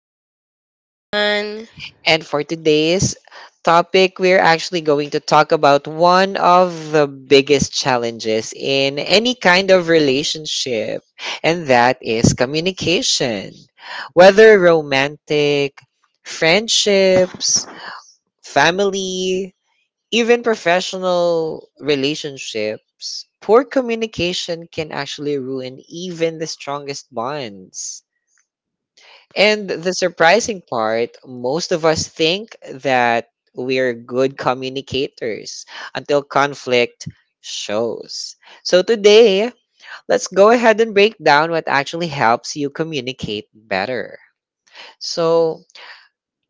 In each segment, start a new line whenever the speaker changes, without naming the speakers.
Hello, everyone.
And for today's topic, we're actually going to talk about one of the biggest challenges in any kind of relationship, and that is communication. Whether romantic, friendships, family, even professional relationships, poor communication can actually ruin even the strongest bonds. And the surprising part, most of us think that we're good communicators until conflict shows. So today, let's go ahead and break down what actually helps you communicate better. So,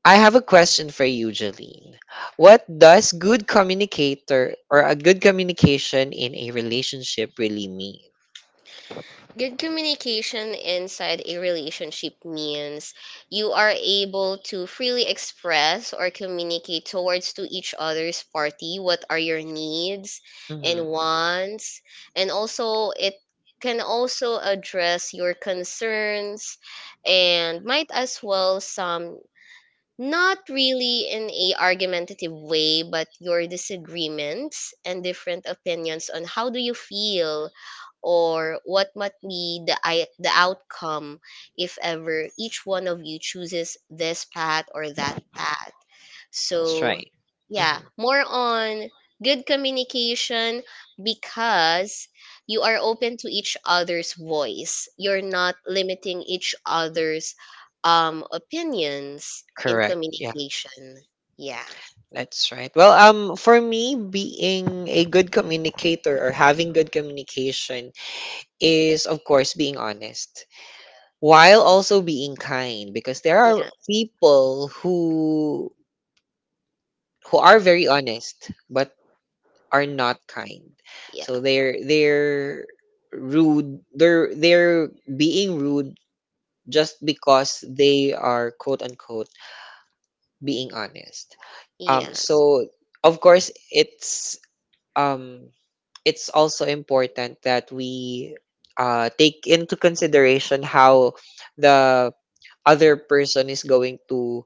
I have a question for you, Jeline. What does good communicator or a good communication in a relationship really mean?
Good communication inside a relationship means you are able to freely express or communicate towards to each other's party what are your needs
Hmm.
and wants, and also it can also address your concerns and might as well some not really in a argumentative way but your disagreements and different opinions on how do you feel or what might be the outcome if ever each one of you chooses this path or that path,
That's
so,
right. Hmm.
yeah, more on good communication because you are open to each other's voice. You're not limiting each other's opinions in
Correct. Yeah.
communication. Yeah.
That's right. Well, for me, being a good communicator or having good communication is, of course, being honest while also being kind because there are
Yeah.
people who are very honest but are not kind.
Yeah.
So they're rude. They're being rude just because they are quote unquote being honest. Um
Yes.
so of course it's um it's also important that we take into consideration how the other person is going to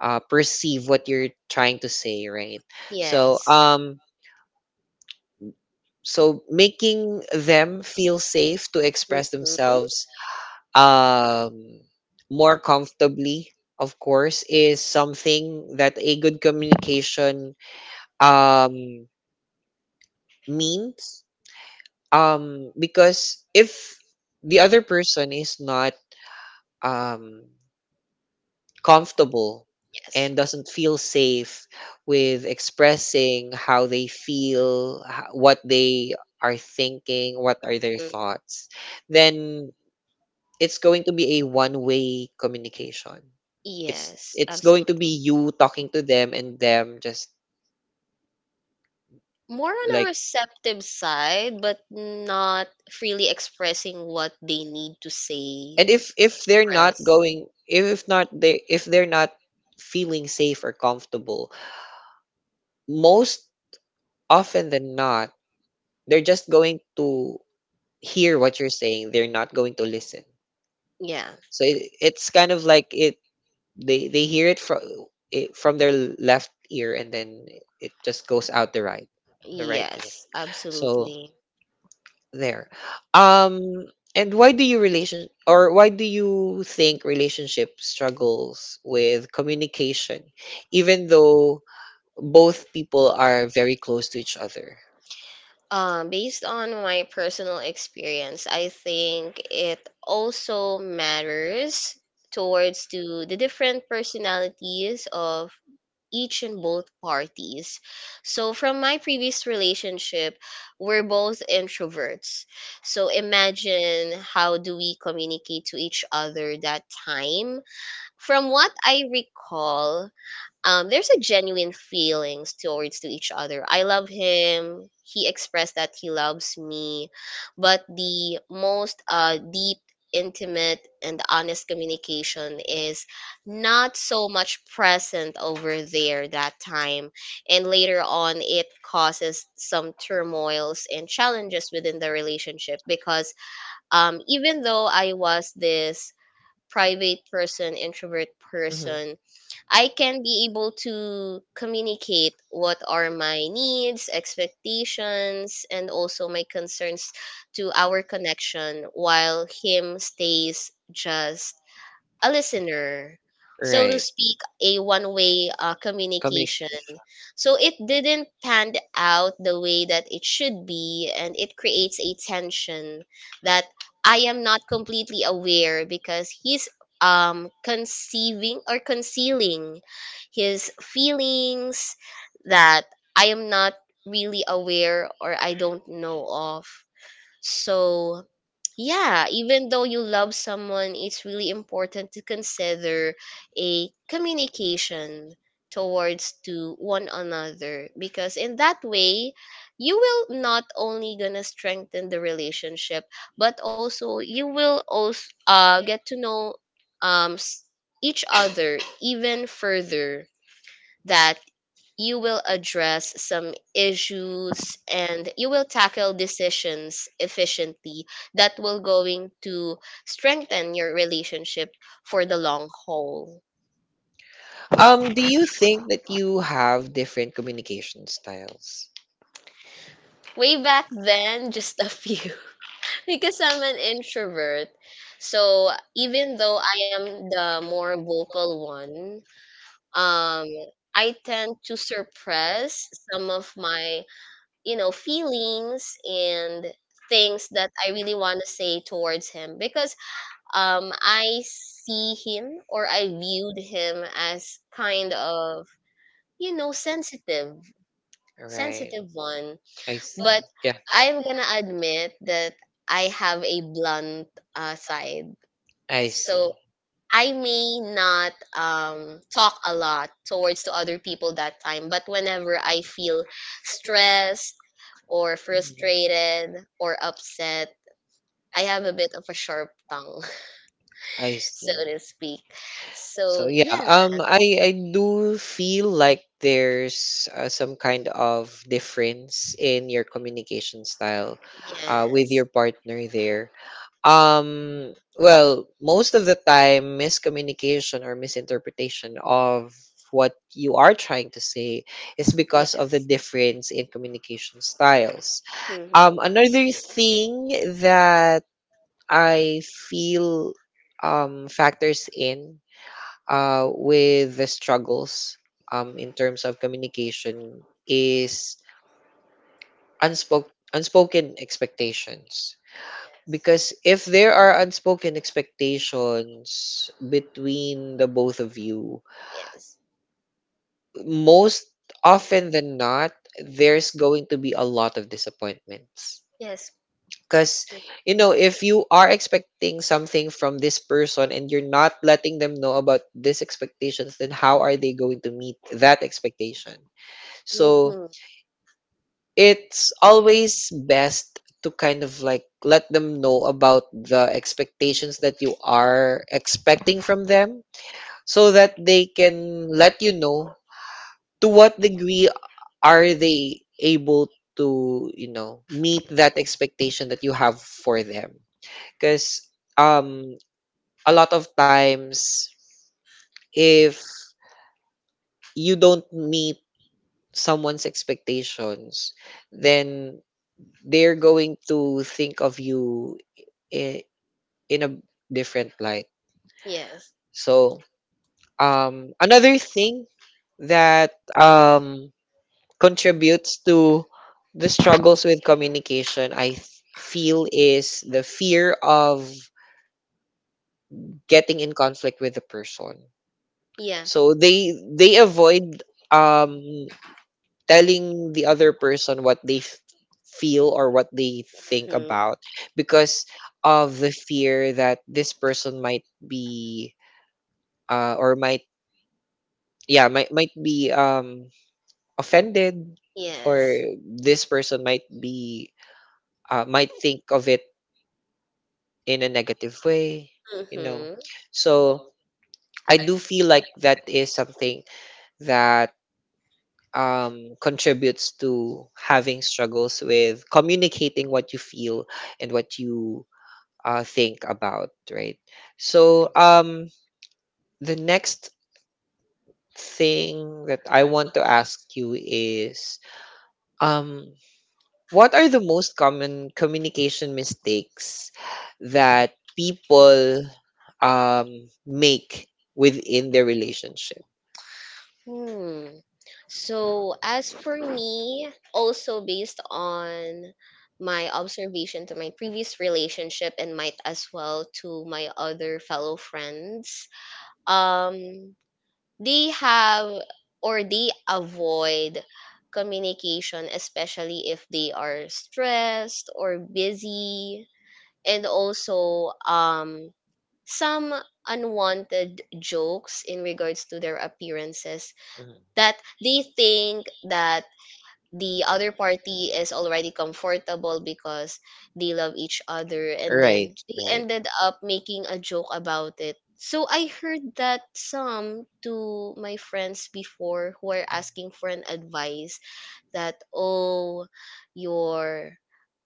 perceive what you're trying to say, right? So
Yes.
um so making them feel safe to express themselves um, more comfortably, of course, is something that a good communication um, means. Because if the other person is not um, comfortable and
Yes.
doesn't feel safe with expressing how they feel, what they are thinking, what
Mm.
are their thoughts, then it's going to be a one-way communication. It's
Yes.
it's going to be you talking to them and them just
More on a
like,
receptive side, but not freely expressing what they need to say or
and if they're not
express.
going if not they if they're not feeling safe or comfortable, most often than not, they're just going to hear what you're saying. They're not going to listen.
Yeah.
So it's kind of like it they hear it from their left ear and then it just goes out the right ear.
Yes,
So
absolutely.
there. Um, and why do you relation or why do you think relationship struggles with communication, even though both people are very close to each other?
Based on my personal experience, I think it also matters towards to the different personalities of each and both parties. So, from my previous relationship, we're both introverts. So, imagine how do we communicate to each other that time? From what I recall, there's a genuine feelings towards to each other. I love him. He expressed that he loves me, but the most deep, intimate, and honest communication is not so much present over there that time, and later on it causes some turmoils and challenges within the relationship because, even though I was this private person, introvert
Mhm.
person, I can be able to communicate what are my needs, expectations, and also my concerns to our connection while him stays just a listener, so to
Right.
speak, a one way communication.
Communication.
So it didn't pan out the way that it should be, and it creates a tension that I am not completely aware because he's conceiving or concealing his feelings that I am not really aware or I don't know of. So, yeah, even though you love someone, it's really important to consider a communication towards to one another because in that way you will not only gonna strengthen the relationship but also you will also get to know um s- each other even further, that you will address some issues and you will tackle decisions efficiently that will going to strengthen your relationship for the long haul
Do you think that you have different communication styles?
way back then just a few because I'm an introvert, so even though I am the more vocal one, um I tend to suppress some of my feelings and things that I really want to say towards him because I see him or I viewed him as kind of you know sensitive
Right.
sensitive one,
I see.
but
Yeah,
I'm gonna admit that I have a blunt side,
I see.
so I may not talk a lot towards to other people that time but whenever I feel stressed or
Mhm.
frustrated or upset, I have a bit of a sharp tongue,
I
so to
see.
speak.
So
So,
yeah, I do feel like there's some kind of difference in your communication style,
yeah,
with
yes.
your partner there. Um, well, most of the time, miscommunication or misinterpretation of what you are trying to say is because of the difference in communication styles.
Mhm.
Another thing that I feel factors in with the struggles in terms of communication is unspoken expectations because if there are unspoken expectations between the both of you,
Yes,
most often than not there's going to be a lot of disappointments.
yes.
Because, you know, if you are expecting something from this person and you're not letting them know about these expectations, then how are they going to meet that expectation? So
Mhm.
it's always best to kind of like let them know about the expectations that you are expecting from them so that they can let you know to what degree are they able to, you know, meet that expectation that you have for them. Because um a lot of times if you don't meet someone's expectations then they're going to think of you in, in a different light.
Yes,
So another thing that um contributes to the struggles with communication feel is the fear of getting in conflict with the person.
yeah,
So they avoid um telling the other person what they feel or what they think about because of the fear that this person might be or might yeah might be offended, or
yes.
this person might be might think of it in a negative way, you know.
Hmm.
So I do feel like that is something that contributes to having struggles with communicating what you feel and what you think about, right? So, the next thing that I want to ask you is um, what are the most common communication mistakes that people make within their relationship?
Hmm. So, as for me, also based on my observation to my previous relationship and might as well to my other fellow friends, um they have or they avoid communication especially if they are stressed or busy, and also some unwanted jokes in regards to their appearances,
Mhm.
that they think that the other party is already comfortable because they love each other and
Right,
then they ended up making a joke about it. So I heard that some to my friends before who are
right.
asking for an advice that, oh, your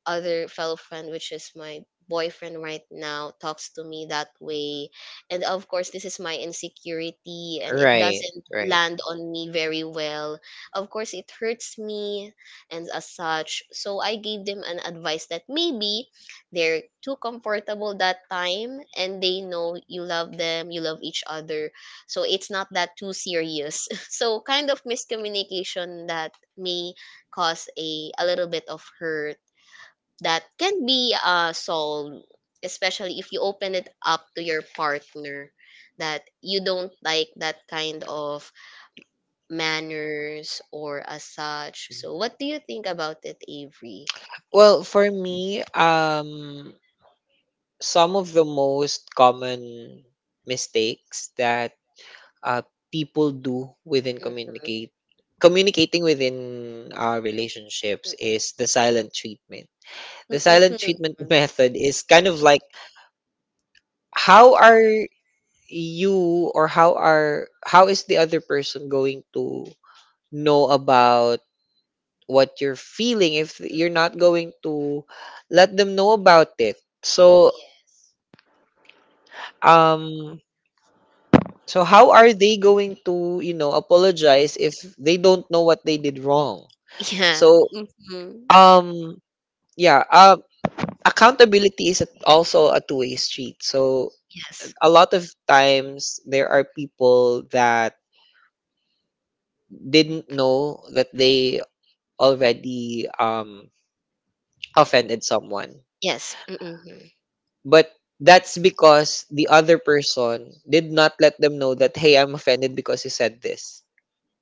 other fellow friend, which is my boyfriend right now, talks to me that way. And of course, this is my insecurity and it
Right,
doesn't
right.
land on me very well. Of course, it hurts me and as such. So I gave them an advice that maybe they're too comfortable that time and they know you love them, you love each other. So it's not that too serious. So kind of miscommunication that may cause a little bit of hurt that can be solved, especially if you open it up to your partner that you don't like that kind of manners or as such. So, what do you think about it, Avery?
Well, for me, some of the most common mistakes that uh, people do within
Mm-hmm.
communicate communicating within relationships is the silent treatment. The silent
Mm-hmm.
treatment method is kind of like how are you, or how are, how is the other person going to know about what you're feeling if you're not going to let them know about it? So um so how are they going to, you know, apologize if they don't know what they did wrong?
Yeah.
So
Mm-hmm.
um yeah, accountability is also a two-way street. So
Yes.
a lot of times there are people that didn't know that they already offended someone.
Yes. Mm-hmm.
But that's because the other person did not let them know that, hey, I'm offended because you said this.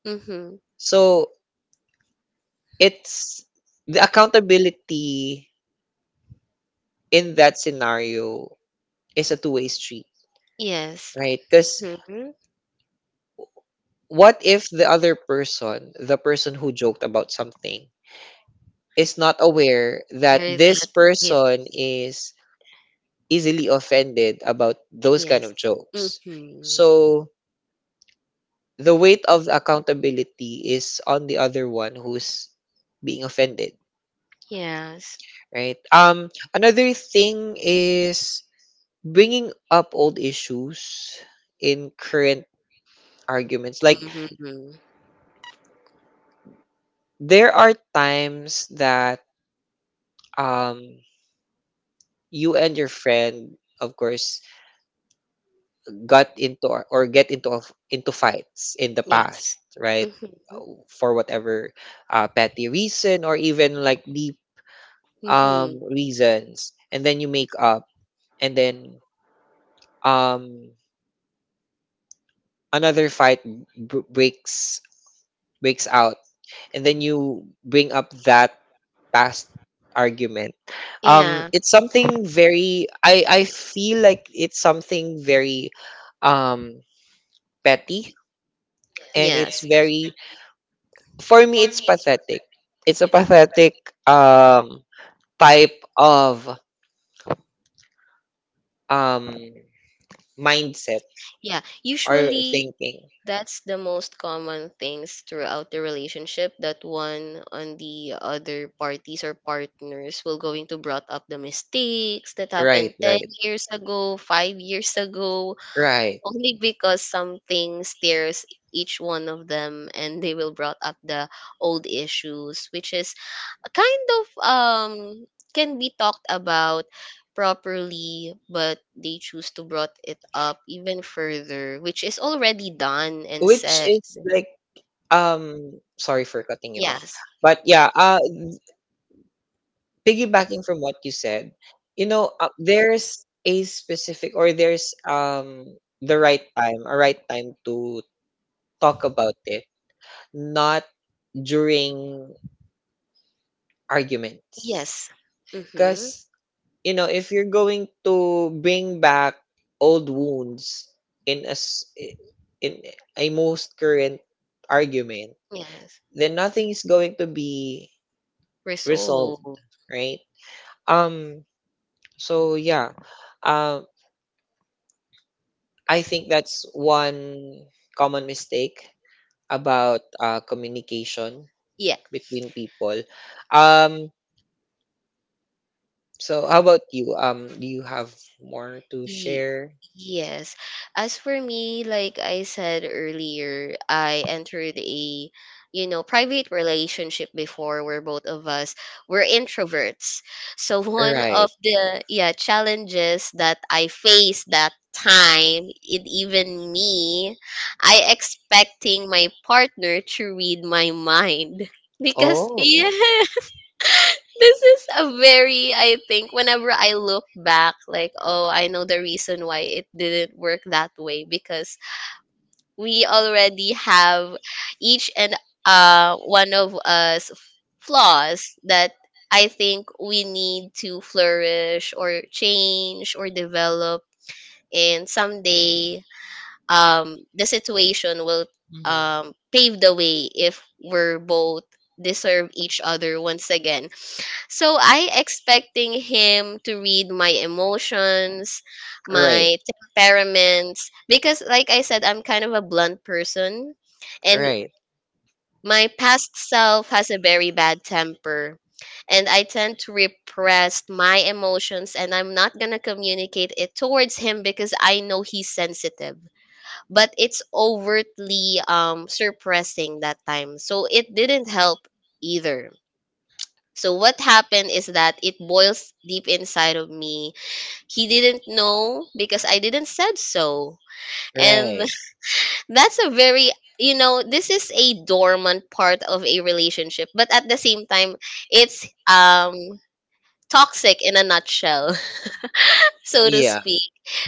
Mm-hmm.
So it's the accountability in that scenario is a two-way street,
Yes.
right? Because
Mm-hmm.
what if the other person, the person who joked about something, is not aware that
Very
this
that it.
person is easily offended about those kind
Yes.
of jokes?
Hmm.
So the weight of accountability is on the other one who's being offended,
Yes.
right? Another thing is bringing up old issues in current arguments. Like,
Mm-hmm.
there are times that um you and your friend, of course, got into or get into into fights in the
Yes.
past, right?
Mm-hmm.
For whatever petty reason, or even like deep
Mm-hmm.
reasons, and then you make up and then um another fight breaks out, and then you bring up that past argument.
Yeah.
It's something very, I feel like it's something very um petty, and
Yes.
it's very, for me, it's pathetic. It's a pathetic um type of um mindset
Yeah.
or
Usually
thinking.
that's the most common things throughout the relationship, that one on the other parties or partners will going to brought up the mistakes that
Right,
happened 10
right,
years ago, 5 years ago,
right.
only because something steers each one of them and they will brought up the old issues, which is a kind of can be talked about properly but they choose to brought it up even further which is already done and
Which
said.
is like sorry for cutting you off.
Yes.
But yeah, piggybacking from what you said, you know, there's the right time, a right time to talk about it, not during arguments.
Yes. Mm-hmm.
Because, you know, if you're going to bring back old wounds in in a most current argument,
Yes.
then nothing is going to be resolved,
Resolve.
right? Um, so yeah, um, I think that's one common mistake about communication
Yeah.
between people. Um, So how about you? Do you have more to
Ye-
share?
yes. As for me, like I said earlier, I entered a private relationship before where both of us were introverts. So one, right,
Right.
of the, yeah, challenges that I faced that time, it even me, I expecting my partner to read my mind, because, oh,
Oh.
yeah, this is a very, I think, whenever I look back, like, oh, I know the reason why it didn't work that way because we already have each and one of us flaws that I think we need to flourish or change or develop. And someday, the situation will,
Mhm.
pave the way if we're both deserve each other once again, so I expecting him to read my emotions,
Right.
my temperaments, because like I said I'm kind of a blunt person, and, right,
Right.
my past self has a very bad temper, and I tend to repress my emotions and I'm not going to communicate it towards him because I know he's sensitive but it's overtly suppressing that time so it didn't help either. So what happened is that it boils deep inside of me. He didn't know because I didn't said so. And
Right.
that's a very, this is a dormant part of a relationship, but at the same time it's toxic in a nutshell. So to
Yeah.
speak,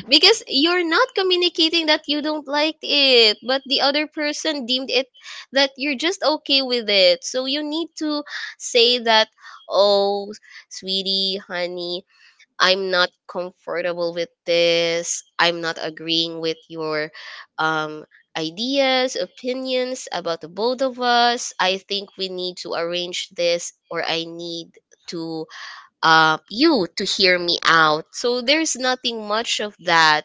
because you're not communicating that you don't like it but the other person deemed it that you're just okay with it, so you need to say that, oh, sweetie, honey, I'm not comfortable with this, I'm not agreeing with your um ideas, opinions about the both of us. I think we need to arrange this or I need to, you to hear me out. So there's nothing much of that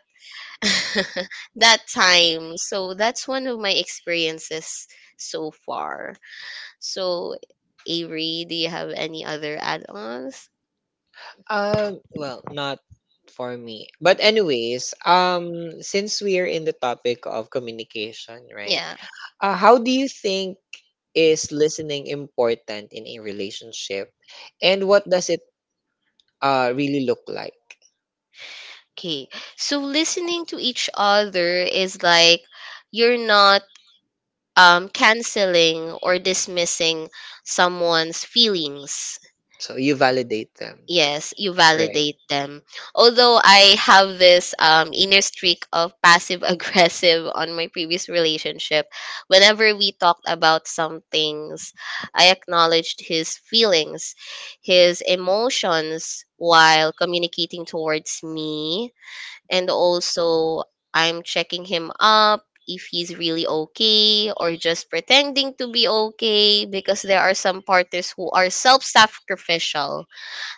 that time. So that's one of my experiences so far. So, Avery, do you have any other add ons?
Well, not for me. But anyways, since we are in the topic of communication, right?
Yeah.
How do you think is listening important in a relationship, and what does it really look like?
Okay. So listening to each other is like you're not canceling or dismissing someone's feelings.
So you validate them,
Yes, you
right?
validate them. Although I have this inner streak of passive aggressive on my previous relationship, whenever we talked about some things, I acknowledged his feelings, his emotions while communicating towards me. And also, I'm checking him up if he's really okay or just pretending to be okay, because there are some partners who are self sacrificial,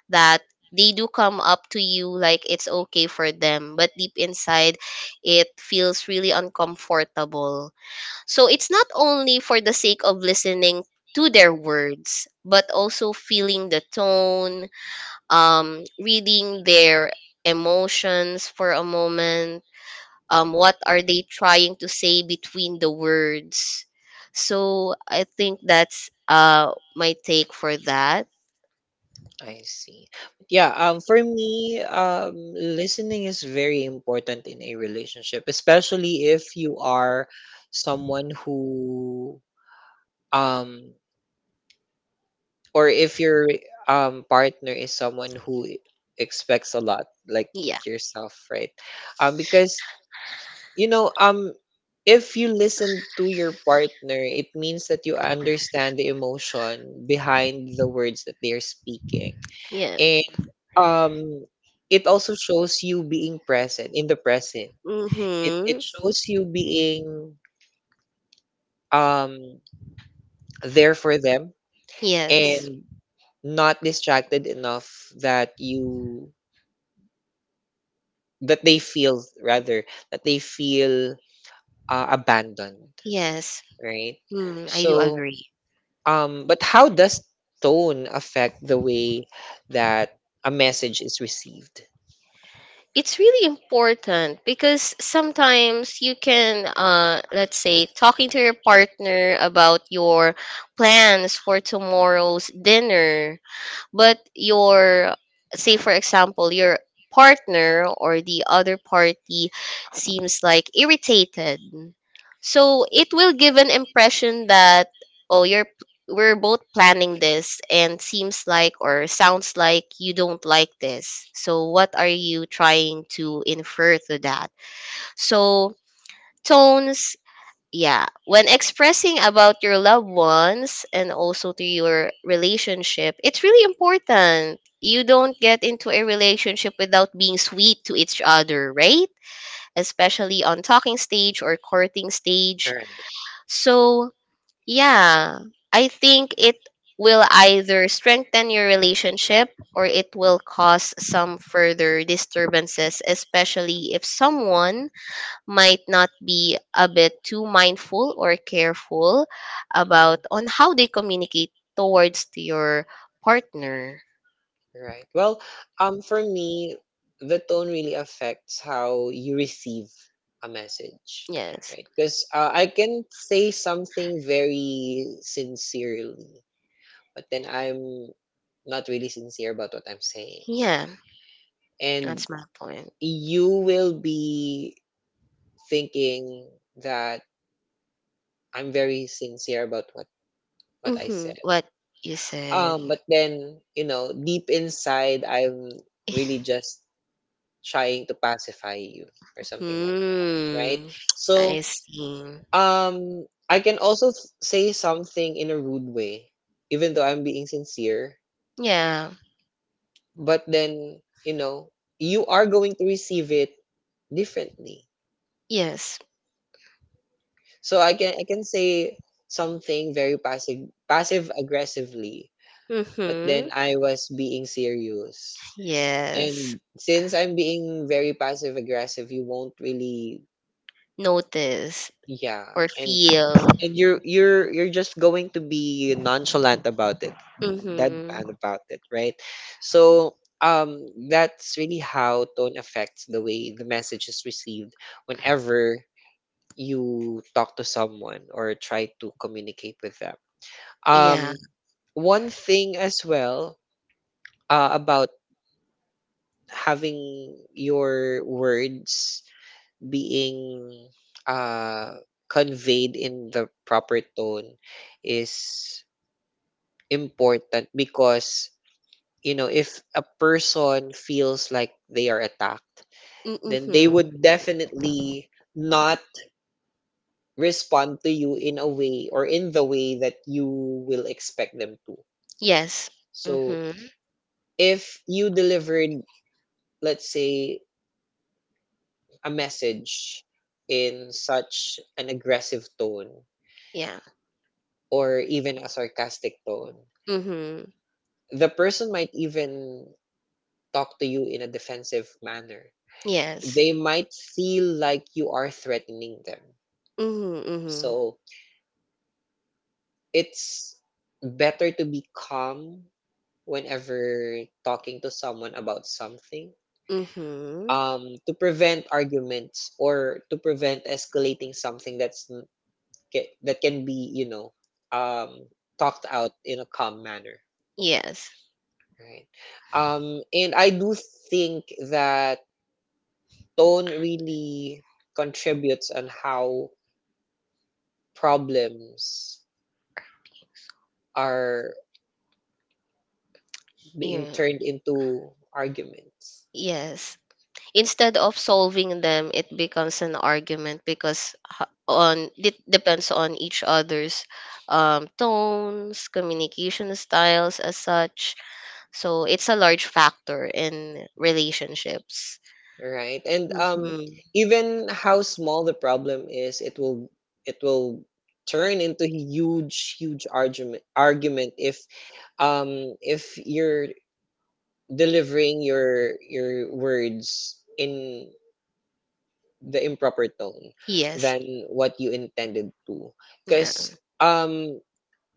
that they do come up to you like it's okay for them but deep inside it feels really uncomfortable. So it's not only for the sake of listening to their words but also feeling the tone, reading their emotions for a moment, what are they trying to say between the words. So I think that's my take for that.
I see. Yeah, for me, listening is very important in a relationship, especially if you are someone who um or if your partner is someone who expects a lot like
Yeah.
yourself, right? Um, because you know, if you listen to your partner, it means that you understand the emotion behind the words that they're speaking.
Yeah.
Um, it also shows you being present in the present. It
Mm-hmm.
shows you being um there for them
Yes.
and not distracted enough that you that they feel, rather that they feel abandoned,
Yes.
right?
Mm, I do
So
agree.
but how does tone affect the way that a message is received?
It's really important because sometimes you can, let's say, talking to your partner about your plans for tomorrow's dinner, but your, say for example your partner or the other party seems like irritated, so it will give an impression that, oh, you're, we're both planning this and seems like or sounds like you don't like this, so what are you trying to infer to that. So tones, yeah, when expressing about your loved ones and also to your relationship, it's really important. You don't get into a relationship without being sweet to each other, right? Especially on talking stage or courting stage.
Right.
So, yeah, I think it will either strengthen your relationship or it will cause some further disturbances especially if someone might not be a bit too mindful or careful about on how they communicate towards to your partner.
Right. Well, for me, the tone really affects how you receive a message,
Yes.
right? Because I can say something very sincerely, but then I'm not really sincere about what I'm saying,
Yeah,
and
that's my point.
you will be thinking that I'm very sincere about what I
Hmm.
said.
What you said.
But then you know, deep inside, I'm really just trying to pacify you or something like that, right?
Hmm.
So,
I see.
I can also say something in a rude way, even though I'm being sincere,
Yeah.
but then, you know, you are going to receive it differently.
Yes.
So I can say something very passive aggressively, but then
Mm-hmm.
I was being serious.
Yes.
And since I'm being very passive aggressive, you won't really.
Notice
Yeah,
or
and
feel.
you're just going to be nonchalant about it,
Mm-hmm.
deadpan about it, right? So that's really how tone affects the way the message is received whenever you talk to someone or try to communicate with them.
Yeah.
Um, one thing as well about having your words being uh, conveyed in the proper tone is important because you know if a person feels like they are attacked then they
Mm-hmm.
would definitely not respond to you in a way, or in the way that you will expect them to.
Yes.
So
Mm-hmm.
if you delivered, let's say, a message in such an aggressive tone
Yeah.
or even a sarcastic tone,
Mm-hmm.
the person might even talk to you in a defensive manner.
Yes.
They
Mm-hmm.
might feel like you are threatening them.
Mm-hmm.
So it's better to be calm whenever talking to someone about something
Mm-hmm.
to prevent arguments or to prevent escalating something that can be um, talked out in a calm manner.
Yes.
Right. And I do think that tone really contributes on how problems are being
Yeah.
turned into arguments.
Yes. Instead of solving them it becomes an argument because h- on it depends on each other's tones, communication styles as such, so it's a large factor in relationships.
Right. And
Mm.
even how small the problem is, it will turn into huge, huge argument if you're delivering your words in the improper tone
Yes.
than what you intended to
Yeah.
because um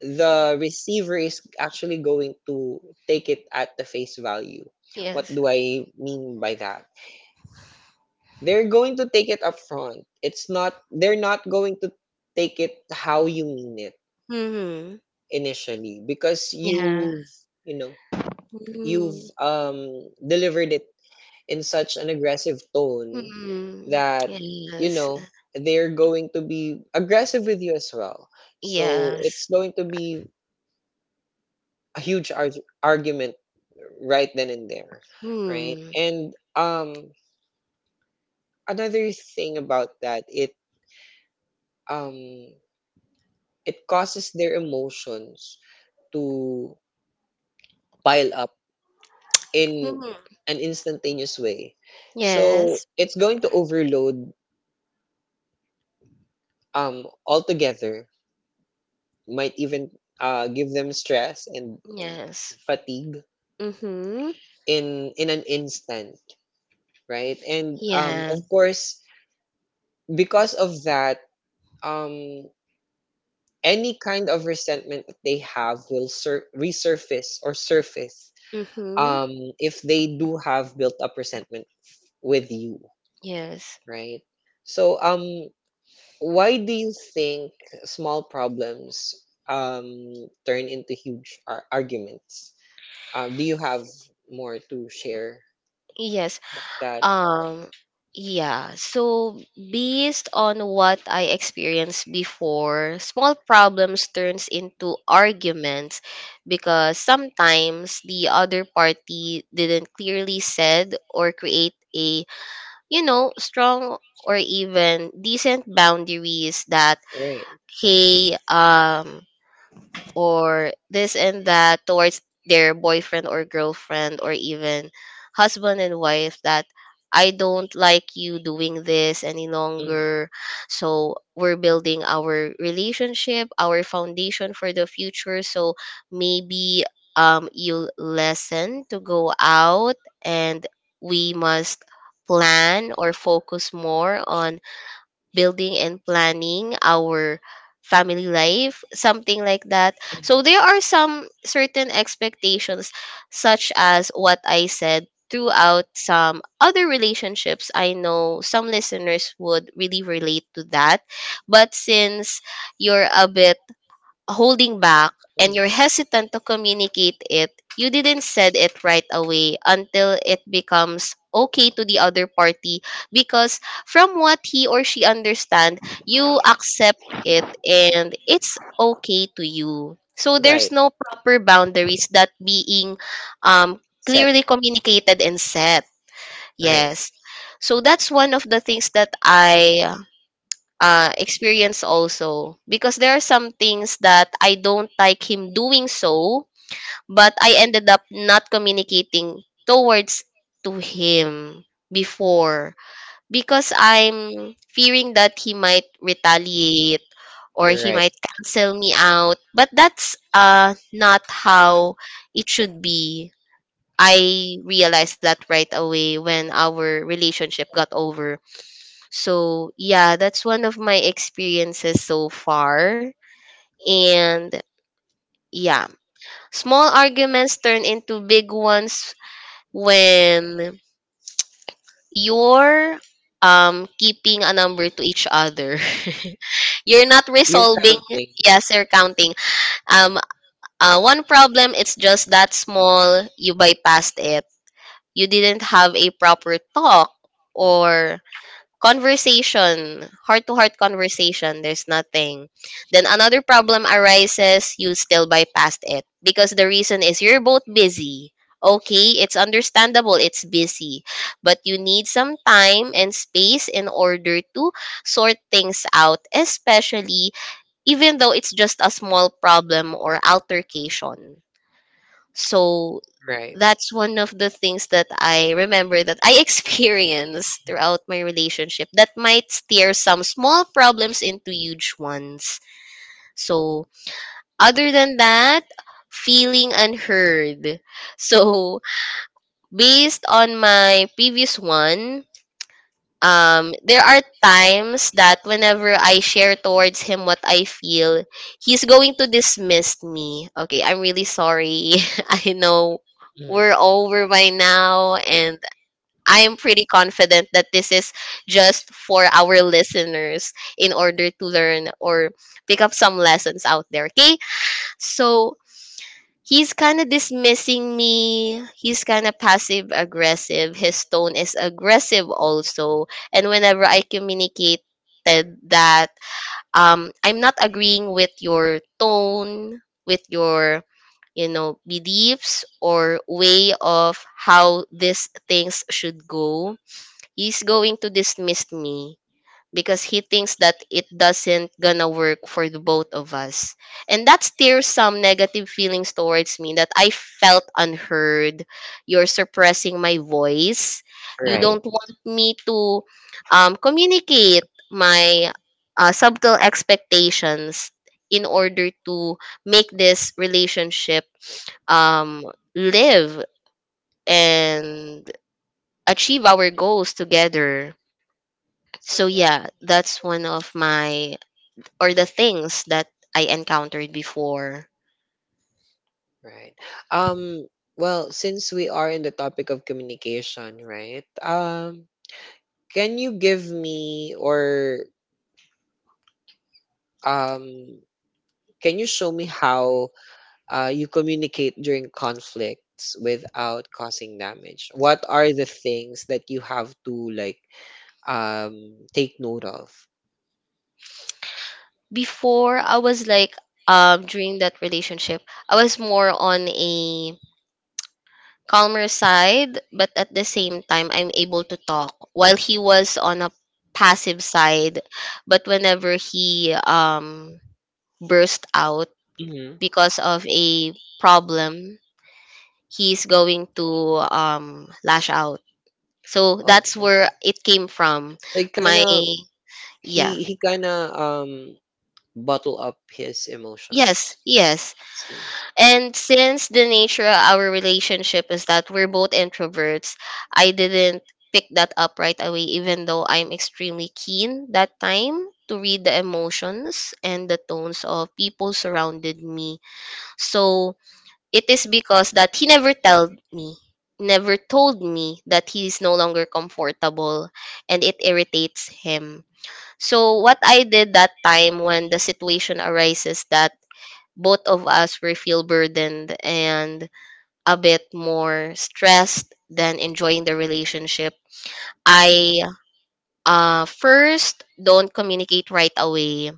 the receiver is actually going to take it at the face value. What
Yes.
do I mean by that? They're going to take it up front. It's not, they're not going to take it how you mean it
Hmm.
initially because
Yeah.
you've you know
Mm.
you've delivered it in such an aggressive tone
Hmm.
that you
Yes.
know they're going to be aggressive with you as well. So it's
Yes.
going to be a argument right then and there. Right.
Hmm.
and another thing about that, um it causes their emotions to pile up in
Mhm.
an instantaneous way. So
Yes,
it's going to overload altogether, might even give them stress and
yes.
fatigue
Mm-hmm.
in an instant. Right. And
Yeah.
of course, because of that, um any kind of resentment that they have will resurface or surface,
Mm-hmm.
um if they do have built up resentment with you.
Yes.
Right. So, why do you think small problems um turn into huge arguments? Do you have more to share?
Yes.
That.
Um, yeah. So based on what I experienced before, small problems turns into arguments because sometimes the other party didn't clearly said or create a strong or even decent boundaries that
Right.
hey, um or this and that towards their boyfriend or girlfriend or even husband and wife that I don't like you doing this any
Mhm.
longer. So we're building our relationship, our foundation for the future. So maybe you'll lessen to go out and we must plan or focus more on building and planning our family life something like that. So
Mhm.
there are some certain expectations such as what I said throughout some other relationships. I know some listeners would really relate to that, but since you're a bit holding back and
Mhm.
you're hesitant to communicate it, you didn't said it right away until it becomes okay to the other party because from what he or she understand, you accept it and it's okay to you. So there's
Right.
no proper boundaries that being um,
Set.
clearly communicated and set.
Right.
Yes. So that's one of the things that I experience also because there are some things that I don't like him doing so, but I ended up not communicating towards to him before because I'm fearing that he might retaliate or
You're
he
right.
might cancel me out. But that's not how it should be. I realized that right away when our relationship got over. So, yeah, that's one of my experiences so far. And yeah, small arguments turn into big ones when you're keeping a number to each other. You're not
You're
resolving.
counting.
Yes, you're counting. Um One problem, it's just that small, you bypassed it. You didn't have a proper talk or conversation, heart to heart conversation, there's nothing. Then another problem arises, you still bypassed it because the reason is you're both busy. Okay, it's understandable, it's busy, but you need some time and space in order to sort things out, especially even though it's just a small problem or altercation. So
Right.
that's one of the things that I remember that I experienced throughout my relationship that might steer some small problems into huge ones. So, other than that, feeling unheard. So, based on my previous one, there are times that whenever I share towards him what I feel, he's going to dismiss me. Okay, I'm really sorry. I know we're over by now and I am pretty confident that this is just for our listeners in order to learn or pick up some lessons out there. Okay? So he's kind of dismissing me. He's kind of passive aggressive. His tone is aggressive also. And whenever I communicated that I'm not agreeing with your tone, with your beliefs or way of how these things should go. He's going to dismiss me because he thinks that it doesn't gonna work for the both of us, and that stirs some negative feelings towards me that I felt unheard. You're suppressing my voice. You
Right.
don't want me to communicate my subtle expectations in order to make this relationship um, live and achieve our goals together. So yeah, that's one of my or the things that I encountered before.
Right. Um, well, since we are in the topic of communication, right? Can you give me or um can you show me how you communicate during conflicts without causing damage? What are the things that you have to like take note of?
Before I was like during that relationship, I was more on a calmer side, but at the same time I'm able to talk while he was on a passive side, but whenever he burst out
Hmm.
because of a problem, he's going to lash out. So
Um,
that's where it came from.
so he kind
My
of,
Yeah.
he kind of bottle up his
Yes,
emotions.
yes.
So,
And since the nature of our relationship is that we're both introverts, I didn't pick that up right away, even though I'm extremely keen that time to read the emotions and the tones of people surrounded me. So it is because that he never told me, never told me that he is no longer comfortable and it irritates him. So what I did that time when the situation arises that both of us were feel burdened and a bit more stressed than enjoying the relationship, I first don't communicate right away.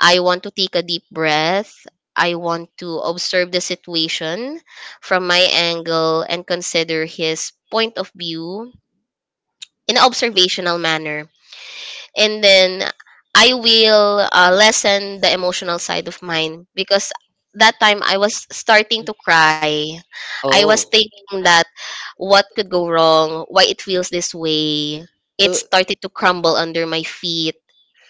I want to take a deep breath. I want to observe the situation from my angle and consider his point of view in an observational manner, and then I will lessen the emotional side of mine because that time I was starting to cry. I was
oh.
thinking that what could go wrong, why it feels this way. It
So,
started to crumble under my feet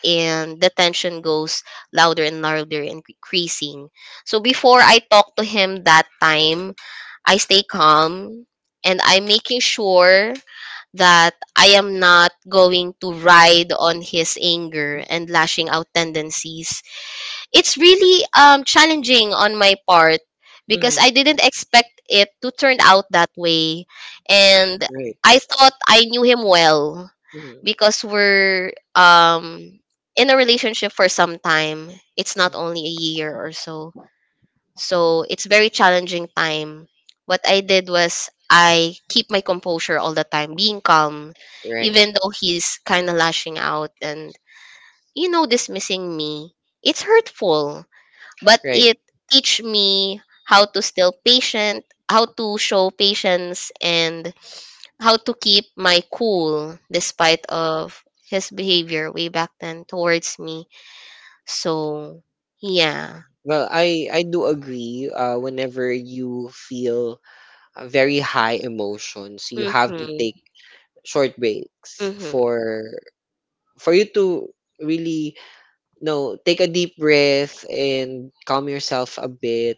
and the tension goes louder and louder and increasing. So before I talk to him that time, I stay calm and I'm making sure that I am not going to ride on his anger and lashing out tendencies. It's really challenging on my part because I
mhm,
didn't expect it to turn out that way, and
right.
I thought I knew him well
Mhm.
because we're in a relationship for some time. It's not only a year or so, so it's very challenging time. What I did was I keep my composure all the time, being calm,
Right.
even though he's kind of lashing out and dismissing me. It's hurtful, but
Right.
it teach me how to still patient, how to show patience, and how to keep my cool despite of his behavior way back then towards me. So yeah.
Well, I do agree. Whenever you feel very high emotions, you have to
Mhm.
take short breaks
Mhm.
for you to really, take a deep breath and calm yourself a bit.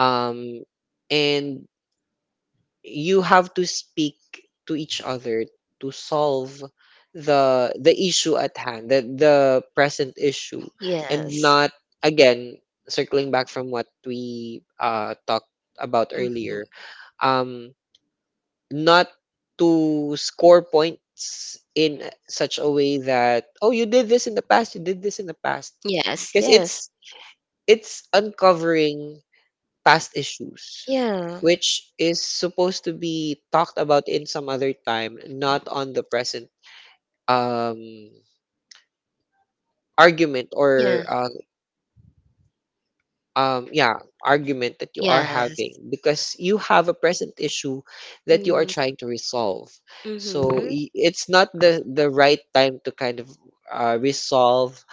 Um, and you have to speak to each other to solve the issue at hand, the present issue, and
Yes.
not, again, circling back from what we talked about
Hmm.
earlier, um not to score points in such a way that, oh, you did this in the past, you did this in the past,
Yes,
because it's uncovering past issues,
yes, yeah,
which is supposed to be talked about in some other time, not on the present um, argument
yeah,
or yeah, argument that you are
yes.
having because you have a present issue that you are trying to resolve. So
Mm-hmm.
it's not the right time to kind of resolve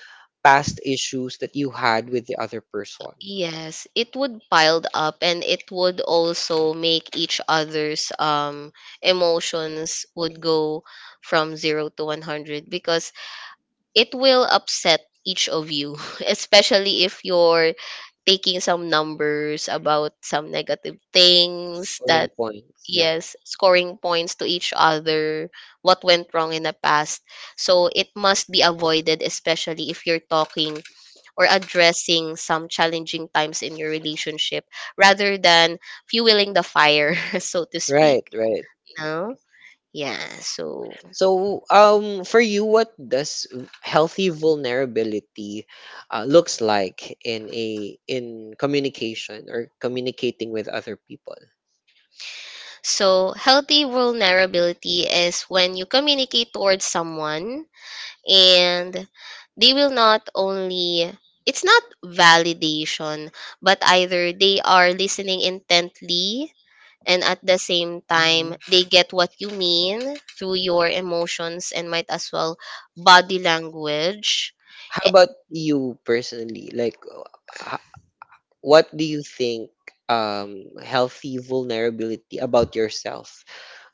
past issues that you had with the other person.
Yes, it would piled up and it would also make each other's emotions would go from 0 to 100 because it will upset each of you, especially if your taking some numbers about some negative things
Boring
that,
point. Yeah.
yes, scoring points to each other, what went wrong in the past. So it must be avoided especially if you're talking or addressing some challenging times in your relationship rather than fueling the fire so to
Right.
speak.
Right.
No, yeah. so
So, for you, what does healthy vulnerability looks like in a, in communication or communicating with other people?
so healthy vulnerability is when you communicate towards someone and they will not only, it's not validation, but either they are listening intently and at the same time they get what you mean through your emotions and might as well body language.
How
Eh,
about you personally? Like, h- what do you think healthy vulnerability about yourself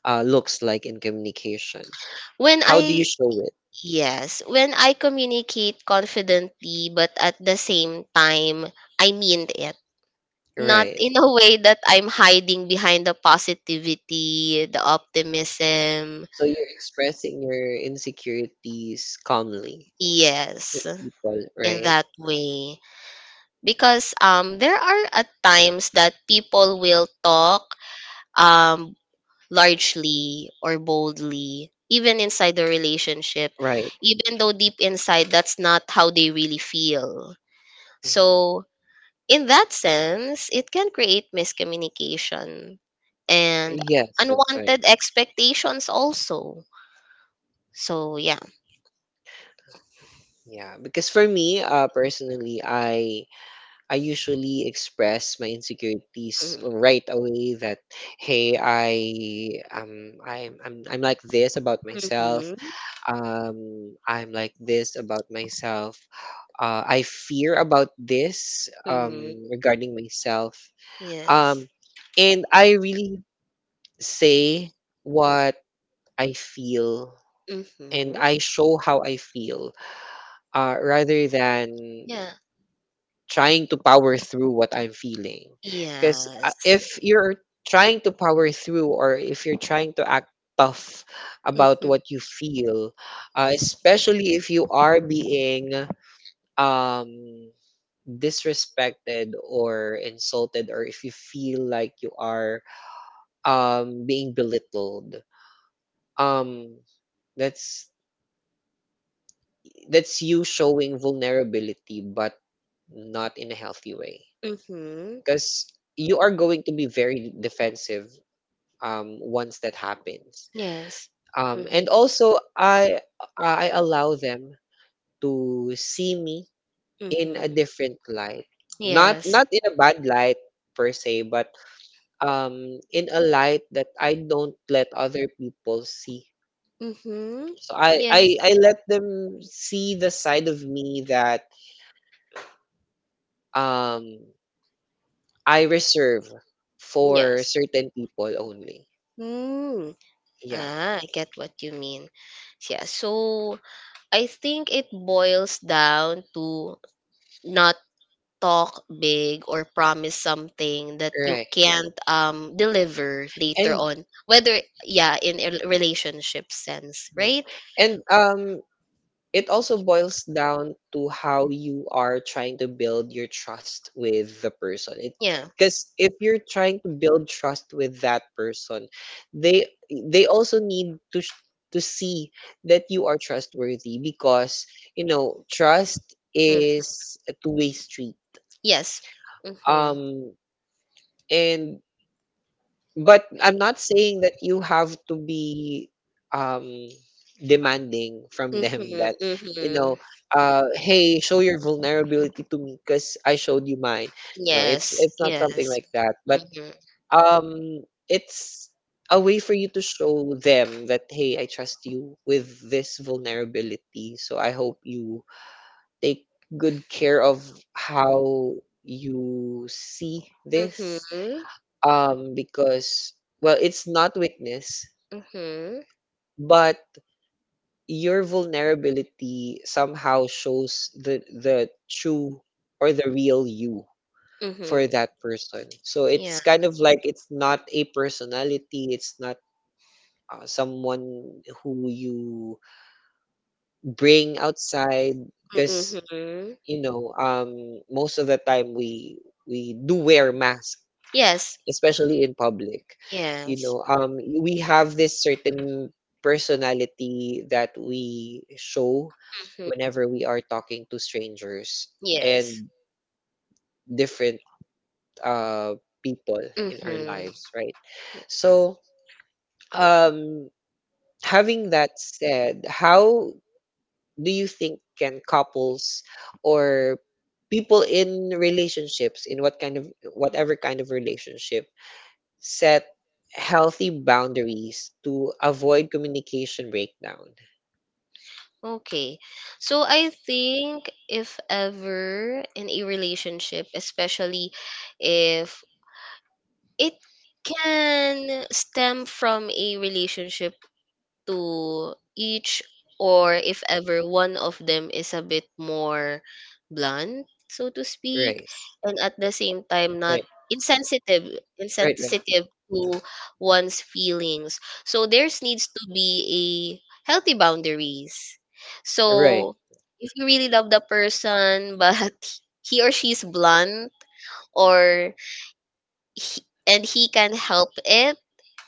looks like in communication?
when
How do you
I
show it?
Yes, when I communicate confidently but at the same time I mean it, not
Right.
in a way that I'm hiding behind the positivity the optimism.
So you're expressing your insecurities calmly with
Yes,
people,
in
right?
that way. Because there are at times that people will talk um largely or boldly even inside the relationship,
Right.
even though deep inside that's not how they really feel. So, in that sense, it can create miscommunication and
Yes, that's right.
unwanted expectations also. So, yeah.
Yeah, because for me, personally, I usually express my insecurities right away. That, hey, I I'm like this about myself.
Mm.
I'm like this about myself. I fear about this. Regarding myself.
Yes.
Um, and I really say what I feel,
Hmm.
and I show how I feel, rather than
Yeah.
trying to power through what I'm feeling. Because
Yes.
if you're trying to power through or if you're trying to act tough about
Mm,
what you feel, especially if you are being um, disrespected or insulted or if you feel like you are being belittled, um, that's that's you showing vulnerability, but not in a healthy way,
mhm.
because you are going to be very defensive once that happens.
Yes. Mhm.
And also, I allow them to see me in a
Mhm.
different light, not
Yes.
not in a bad light per se, but in a light that I don't let other people see.
Mhm.
So I, I
Yes.
I let them see the side of me that um I reserve for
Yes.
certain people only.
Mm.
Yeah,
Ah, I get what you mean. Yeah, so I think it boils down to not talk big or promise something that you
right.
can't deliver later
And
on. Whether, yeah, in a relationship sense,
right.
right?
And it also boils down to how you are trying to build your trust with the person. It,
Yeah.
because if you're trying to build trust with that person, they they also need to sh- to see that you are trustworthy because trust
Mm.
is a two-way street.
Yes. Mhm.
Um and But I'm not saying that you have to be um demanding from them
Mhm.
that, you know
Mhm.
hey, show your vulnerability to me because I showed you mine. No, it's
Yes.
it's not something
Yes.
like that. But
Mhm.
um it's a way for you to show them that, hey, I trust you with this vulnerability. So I hope you take good care of how you see this,
Mhm.
because, well, it's not weakness,
Mhm.
but your vulnerability somehow shows the true or the real you for
Mhm.
that person. So it's
Yeah.
kind of like, it's not a personality, it's not someone who you bring outside, because
Mhm.
most of the time, we do wear masks,
Yes.
especially in public,
Yes.
we have this certain personality that we show
Mhm.
whenever we are talking to strangers
Yes.
and different uh people in our
Mhm.
lives, right? So um having that said, how do you think can couples or people in relationships, in what kind of, whatever kind of relationship, set healthy boundaries to avoid communication breakdown?
Okay. So I think if ever in a relationship, especially if it can stem from a relationship to each, or if ever one of them is a bit more blunt so to speak
Rice.
and at the same time not
Right.
insensitive
Right, right, right.
insensitive to one's feelings, so there's needs to be a healthy boundaries. Right. So
Right.
if you really love the person but he or she's blunt or and he can help it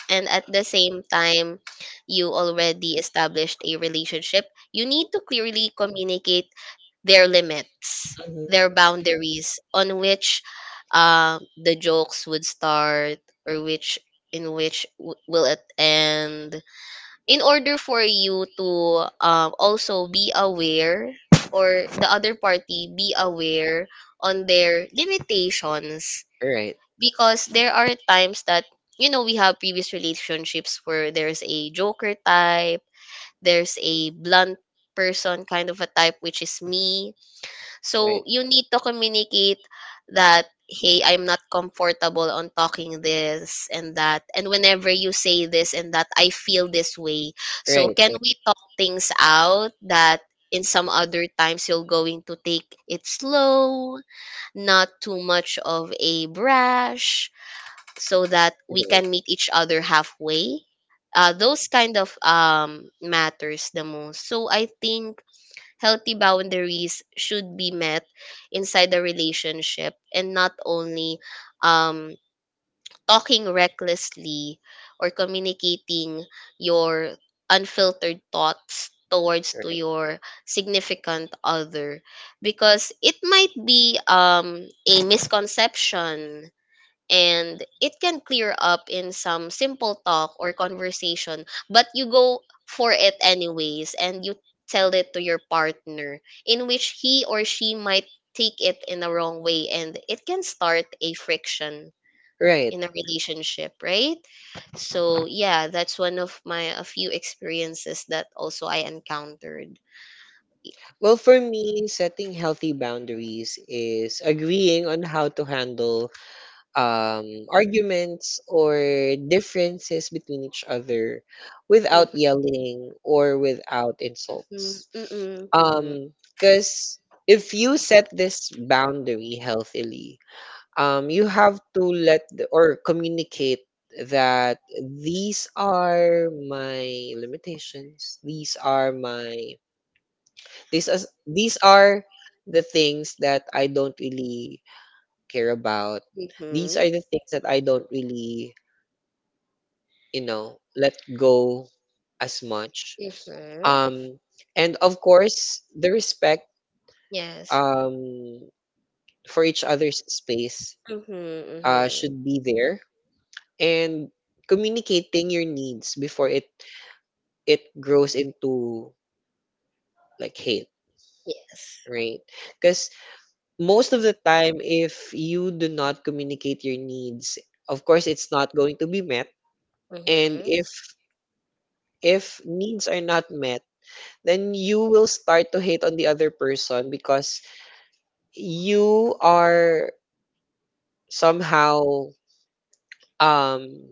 and at the same time you already established a relationship, you need to clearly communicate their limits,
Mhm.
their boundaries on which the jokes would start or which will it end in order for you to also be aware or the other party be aware on their limitations
Right.
because there are times that we have previous relationships where there's a joker type, there's a blunt person kind of a type which is me, so
Right.
you need to communicate that hey I'm not comfortable on talking this and that and whenever you say this and that I feel this way,
Right,
so can
right,
we talk things out that in some other times you're going to take it slow, not too much of a brash so that we can meet
right.
each other halfway. Those kind of matters the most. So I think healthy boundaries should be met inside the relationship and not only um, talking recklessly or communicating your unfiltered thoughts towards to your significant other because it might be a misconception and it can clear up in some simple talk or conversation, but you go for it anyways and you tell it to your partner in which he or she might take it in the wrong way and it can start a friction
Right.
in a
Right.
relationship, right? So yeah, that's one of my a few experiences that also I encountered.
Well, for me, setting healthy boundaries is agreeing on how to handle arguments or differences between each other without yelling or without insults.
Mm-hmm.
Because if you set this boundary healthily, you have to let the, or communicate that these are my limitations. These are my, these as these are the things that I don't really care about.
Mm-hmm.
These are the things that I don't really, let go as much.
Mm-hmm.
Um, and of course, the respect
Yes.
um, for each other's space
Mm-hmm.
should be
Mm-hmm.
there. And communicating your needs before it grows into like hate,
Yes.
right? Because most of the time, if you do not communicate your needs, of course, it's not going to be met. And
Hmm.
if needs are not met, then you will start to hate on the other person because you are somehow um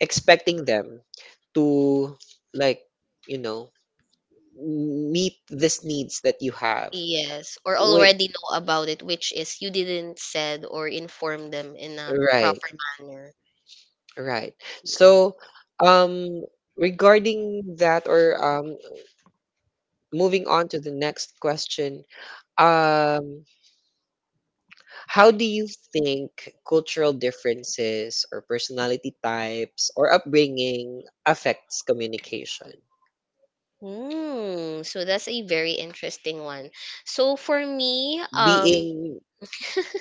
expecting them to, like, you know, meet these needs that you have.
Yes, or
With
already know about it, which is you didn't said or inform them in a
right,
proper manner.
right. So um regarding that, or moving on to the next question, um how do you think cultural differences or personality types or upbringing affects communication?
Hmm, so that's a very interesting one. So for me,
Being,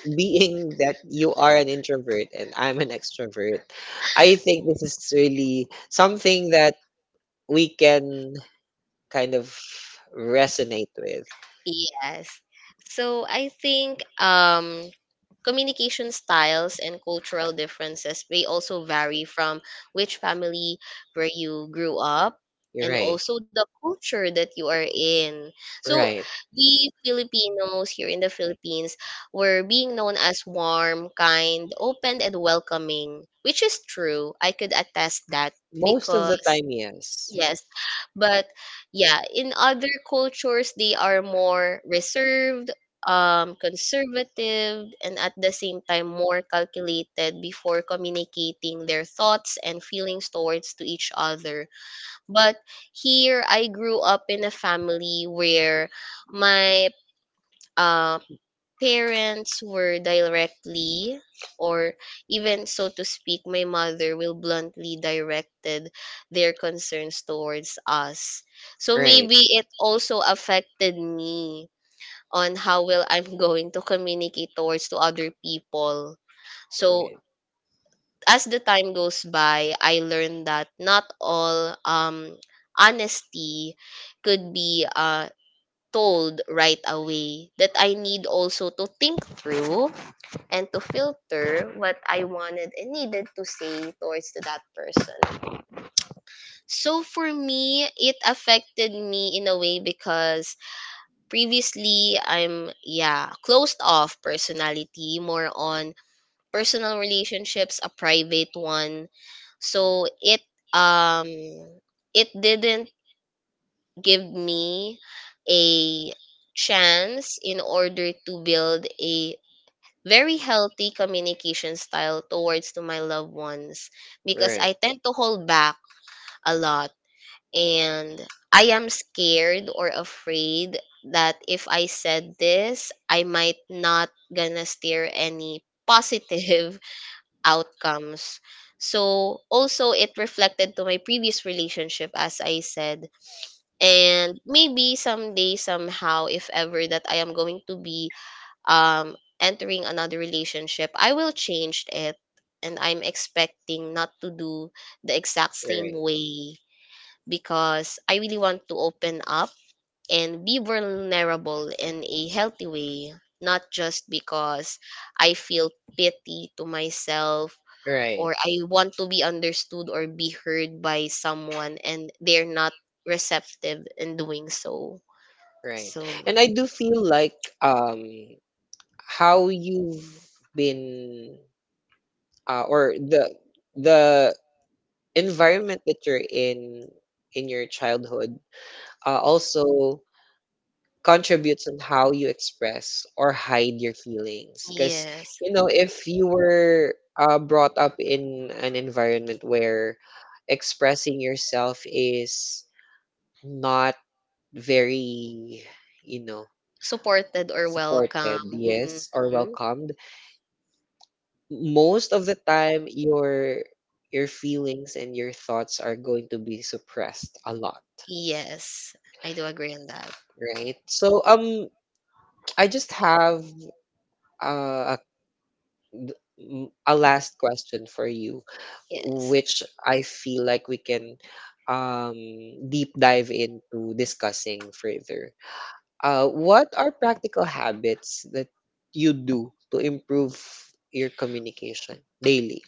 being that you are an introvert and I'm an extrovert, I think this is really something that we can kind of resonate with.
yes. So I think communication styles and cultural differences may also vary from which family where you grew up,
You're
and
right.
also the culture that you are in. So
Right.
we Filipinos here in the Philippines were being known as warm, kind, open and welcoming, which is true. I could attest that
Most of the
because,
time, yes.
yes, but, yeah, in other cultures they are more reserved, conservative, and at the same time more calculated before communicating their thoughts and feelings towards to each other. But here I grew up in a family where my um parents were directly, or even so to speak my mother will bluntly directed their concerns towards us, so
Right.
maybe it also affected me on how well I'm going to communicate towards to other people. So
Right.
as the time goes by I learned that not all honesty could be told right away, that I need also to think through and to filter what I wanted and needed to say towards to that person. So for me, it affected me in a way, because previously I'm, yeah, closed off personality, more on personal relationships, a private one. So um it didn't give me a chance in order to build a very healthy communication style towards to my loved ones, because I
Right.
tend to hold back a lot, and I am scared or afraid that if I said this, I might not gonna steer any positive outcomes. So also it reflected to my previous relationship, as I said, and maybe someday somehow if ever that I am going to be um entering another relationship, I will change it, and I'm expecting not to do the exact same
Right.
way, because I really want to open up and be vulnerable in a healthy way, not just because I feel pity to myself,
Right.
or I want to be understood or be heard by someone and they're not receptive in doing so.
Right.
So,
And I do feel like um how you've been, or the environment that you're in your childhood also contributes on how you express or hide your feelings, because
yes.
if you were brought up in an environment where expressing yourself is not very, you know
Supported or welcome.
supported, yes, or
Hmm.
welcomed, most of the time your feelings and your thoughts are going to be suppressed a lot,
Yes. I do agree on that.
right? So I just have a a last question for you,
Yes.
which I feel like we can um, deep dive into discussing further. What are practical habits that you do to improve your communication daily?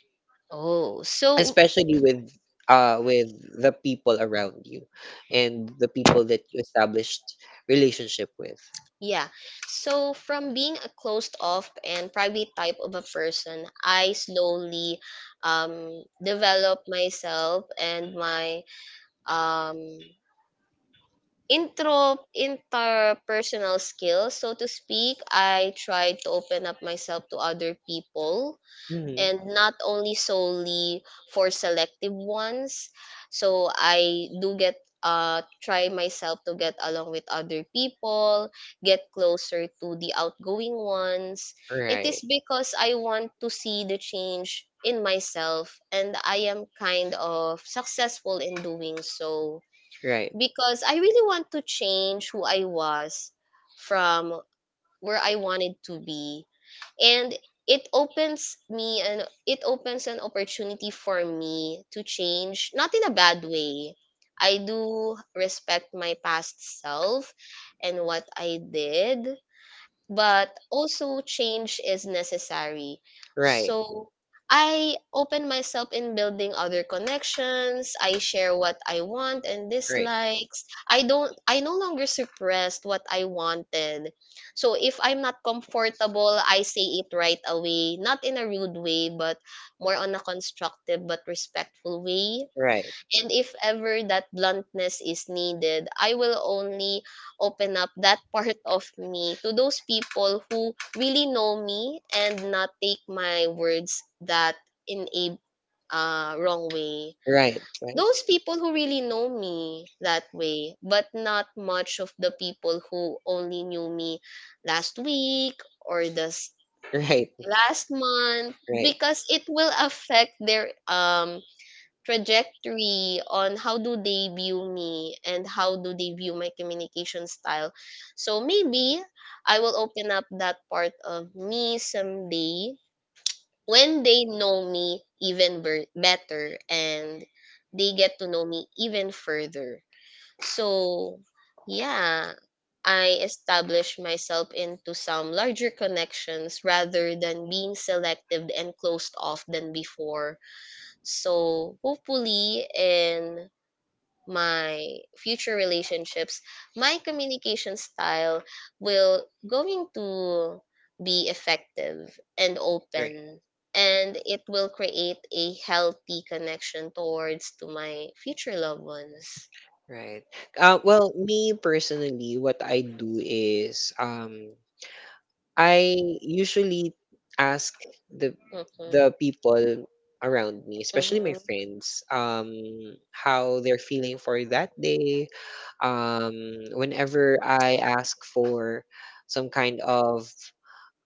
Oh, so
Especially with uh with the people around you and the people that you established relationship with.
yeah. So from being a closed off and private type of a person, I slowly develop myself and my um intro interpersonal skills, so to speak. I tried to open up myself to other people,
Hmm.
and not only solely for selective ones. So I do get try myself to get along with other people, get closer to the outgoing ones. It
Right,
is because I want to see the change in myself, and I am kind of successful in doing so,
right,
because I
right,
really want to change who I was from where I wanted to be. And it opens me, and it opens an opportunity for me to change, not in a bad way. I do respect my past self and what I did, but also change is necessary. Right.
right,
So I open myself in building other connections. I share what I want and, right,
right, right,
dislikes. I no longer suppressed what I wanted. So if I'm not comfortable, I say it right away, not in a rude way, but more on a constructive but respectful way.
right.
And if ever that bluntness is needed, I will only open up that part of me to those people who really know me, and not take my words that in a wrong way.
Right,
Those people who really know me that way, but not much of the people who only knew me last week or the
right.
last month, because it will affect their trajectory on how do they view me and how do they view my communication style. So maybe I will open up that part of me someday when they know me even better and they get to know me even further. So, yeah, I established myself into some larger connections rather than being selective and closed off than before, so hopefully in my future relationships, my communication style will going to be effective and
Right,
open, and it will create a healthy connection towards to my future loved ones.
right. Well, me personally, what I do is, I usually ask the the
Mhm.
people around me, especially my friends, how they're feeling for that day. Whenever I ask for some kind of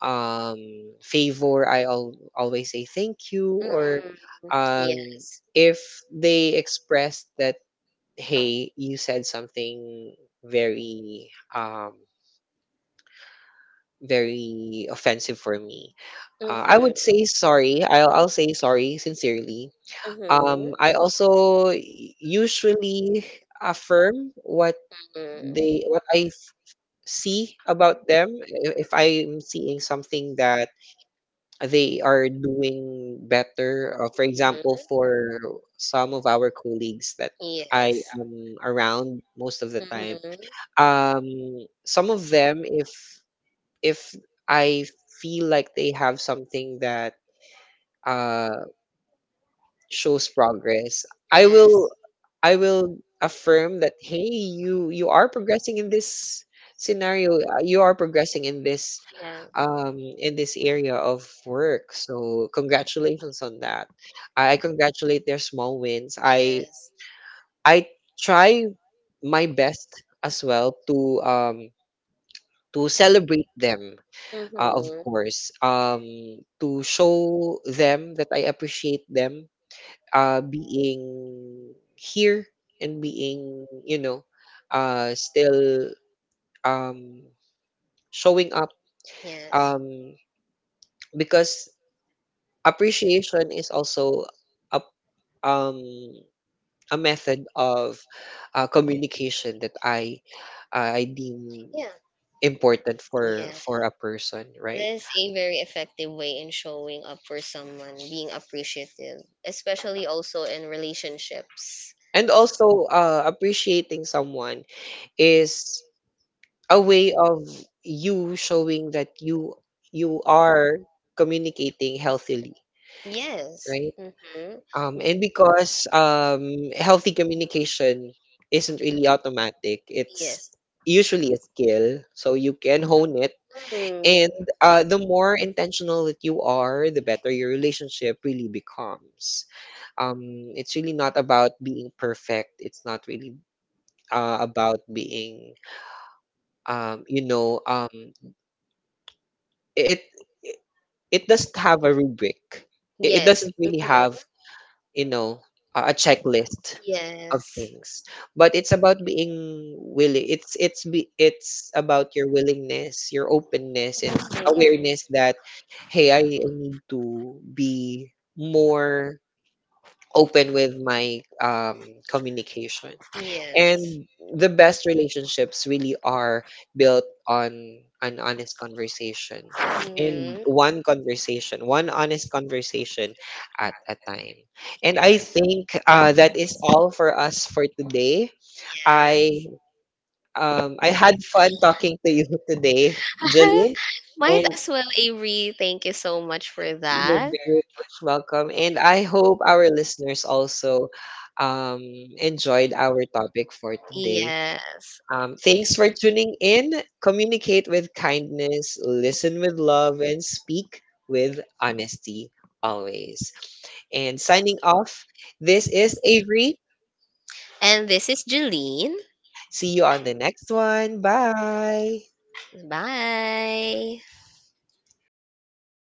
um favor, always say thank you, or
Mhm.
um,
Yes.
if they express that, hey, you said something very very offensive for me,
Mhm.
I would say sorry. I'll say sorry sincerely. I also usually affirm what they, what see about them. I- If I'm seeing something that they are doing better, for example,
Mhm.
for some of our colleagues that I
Yes.
am around most of the
Mm-hmm. Yes.
time,
Yeah.
um, some of them, if I feel like they have something that uh, shows progress, I will affirm that, hey, you are progressing in this scenario, you are progressing in this area of work, so congratulations on that. I congratulate their small wins. i
Yes.
i try my best as well to celebrate them,
Mm-hmm.
of course, to show them that I appreciate them being here and being, still, um, showing up,
Yes.
um, because appreciation is also a, um, a method of communication that I deem
Yeah.
important for
Yeah.
for a person, right?
That's a very effective way in showing up for someone, being appreciative, especially also in relationships.
And also, appreciating someone is a way of you showing that you are communicating healthily,
Yes.
right?
Mm-hmm.
And because healthy communication isn't really automatic. It's
Yes.
usually a skill, so you can hone it.
Mhm.
And the more intentional that you are, the better your relationship really becomes. It's really not about being perfect. It's not really about being, um you know um it it doesn't have a rubric. It
Yes.
doesn't really have, you know, a checklist of
Yes.
things. But it's about being willing. It's about your willingness, your openness, and awareness that, hey, I need to be more open with my communication.
And
And the best relationships really are built on an honest conversation. And one conversation, one honest conversation at a time. And I think that is all for us for today. I I had fun talking to you today, Jillian,
might
and
as well, Avery. Thank you so much for. Thank you
you're
that.
very much welcome. And I hope our listeners also um enjoyed our topic for today.
Yes.
Thanks for tuning in. Communicate with kindness, listen with love, and speak with honesty always. And signing off, this is Avery.
And this is Jeline.
See you on the next one. Bye.
Bye.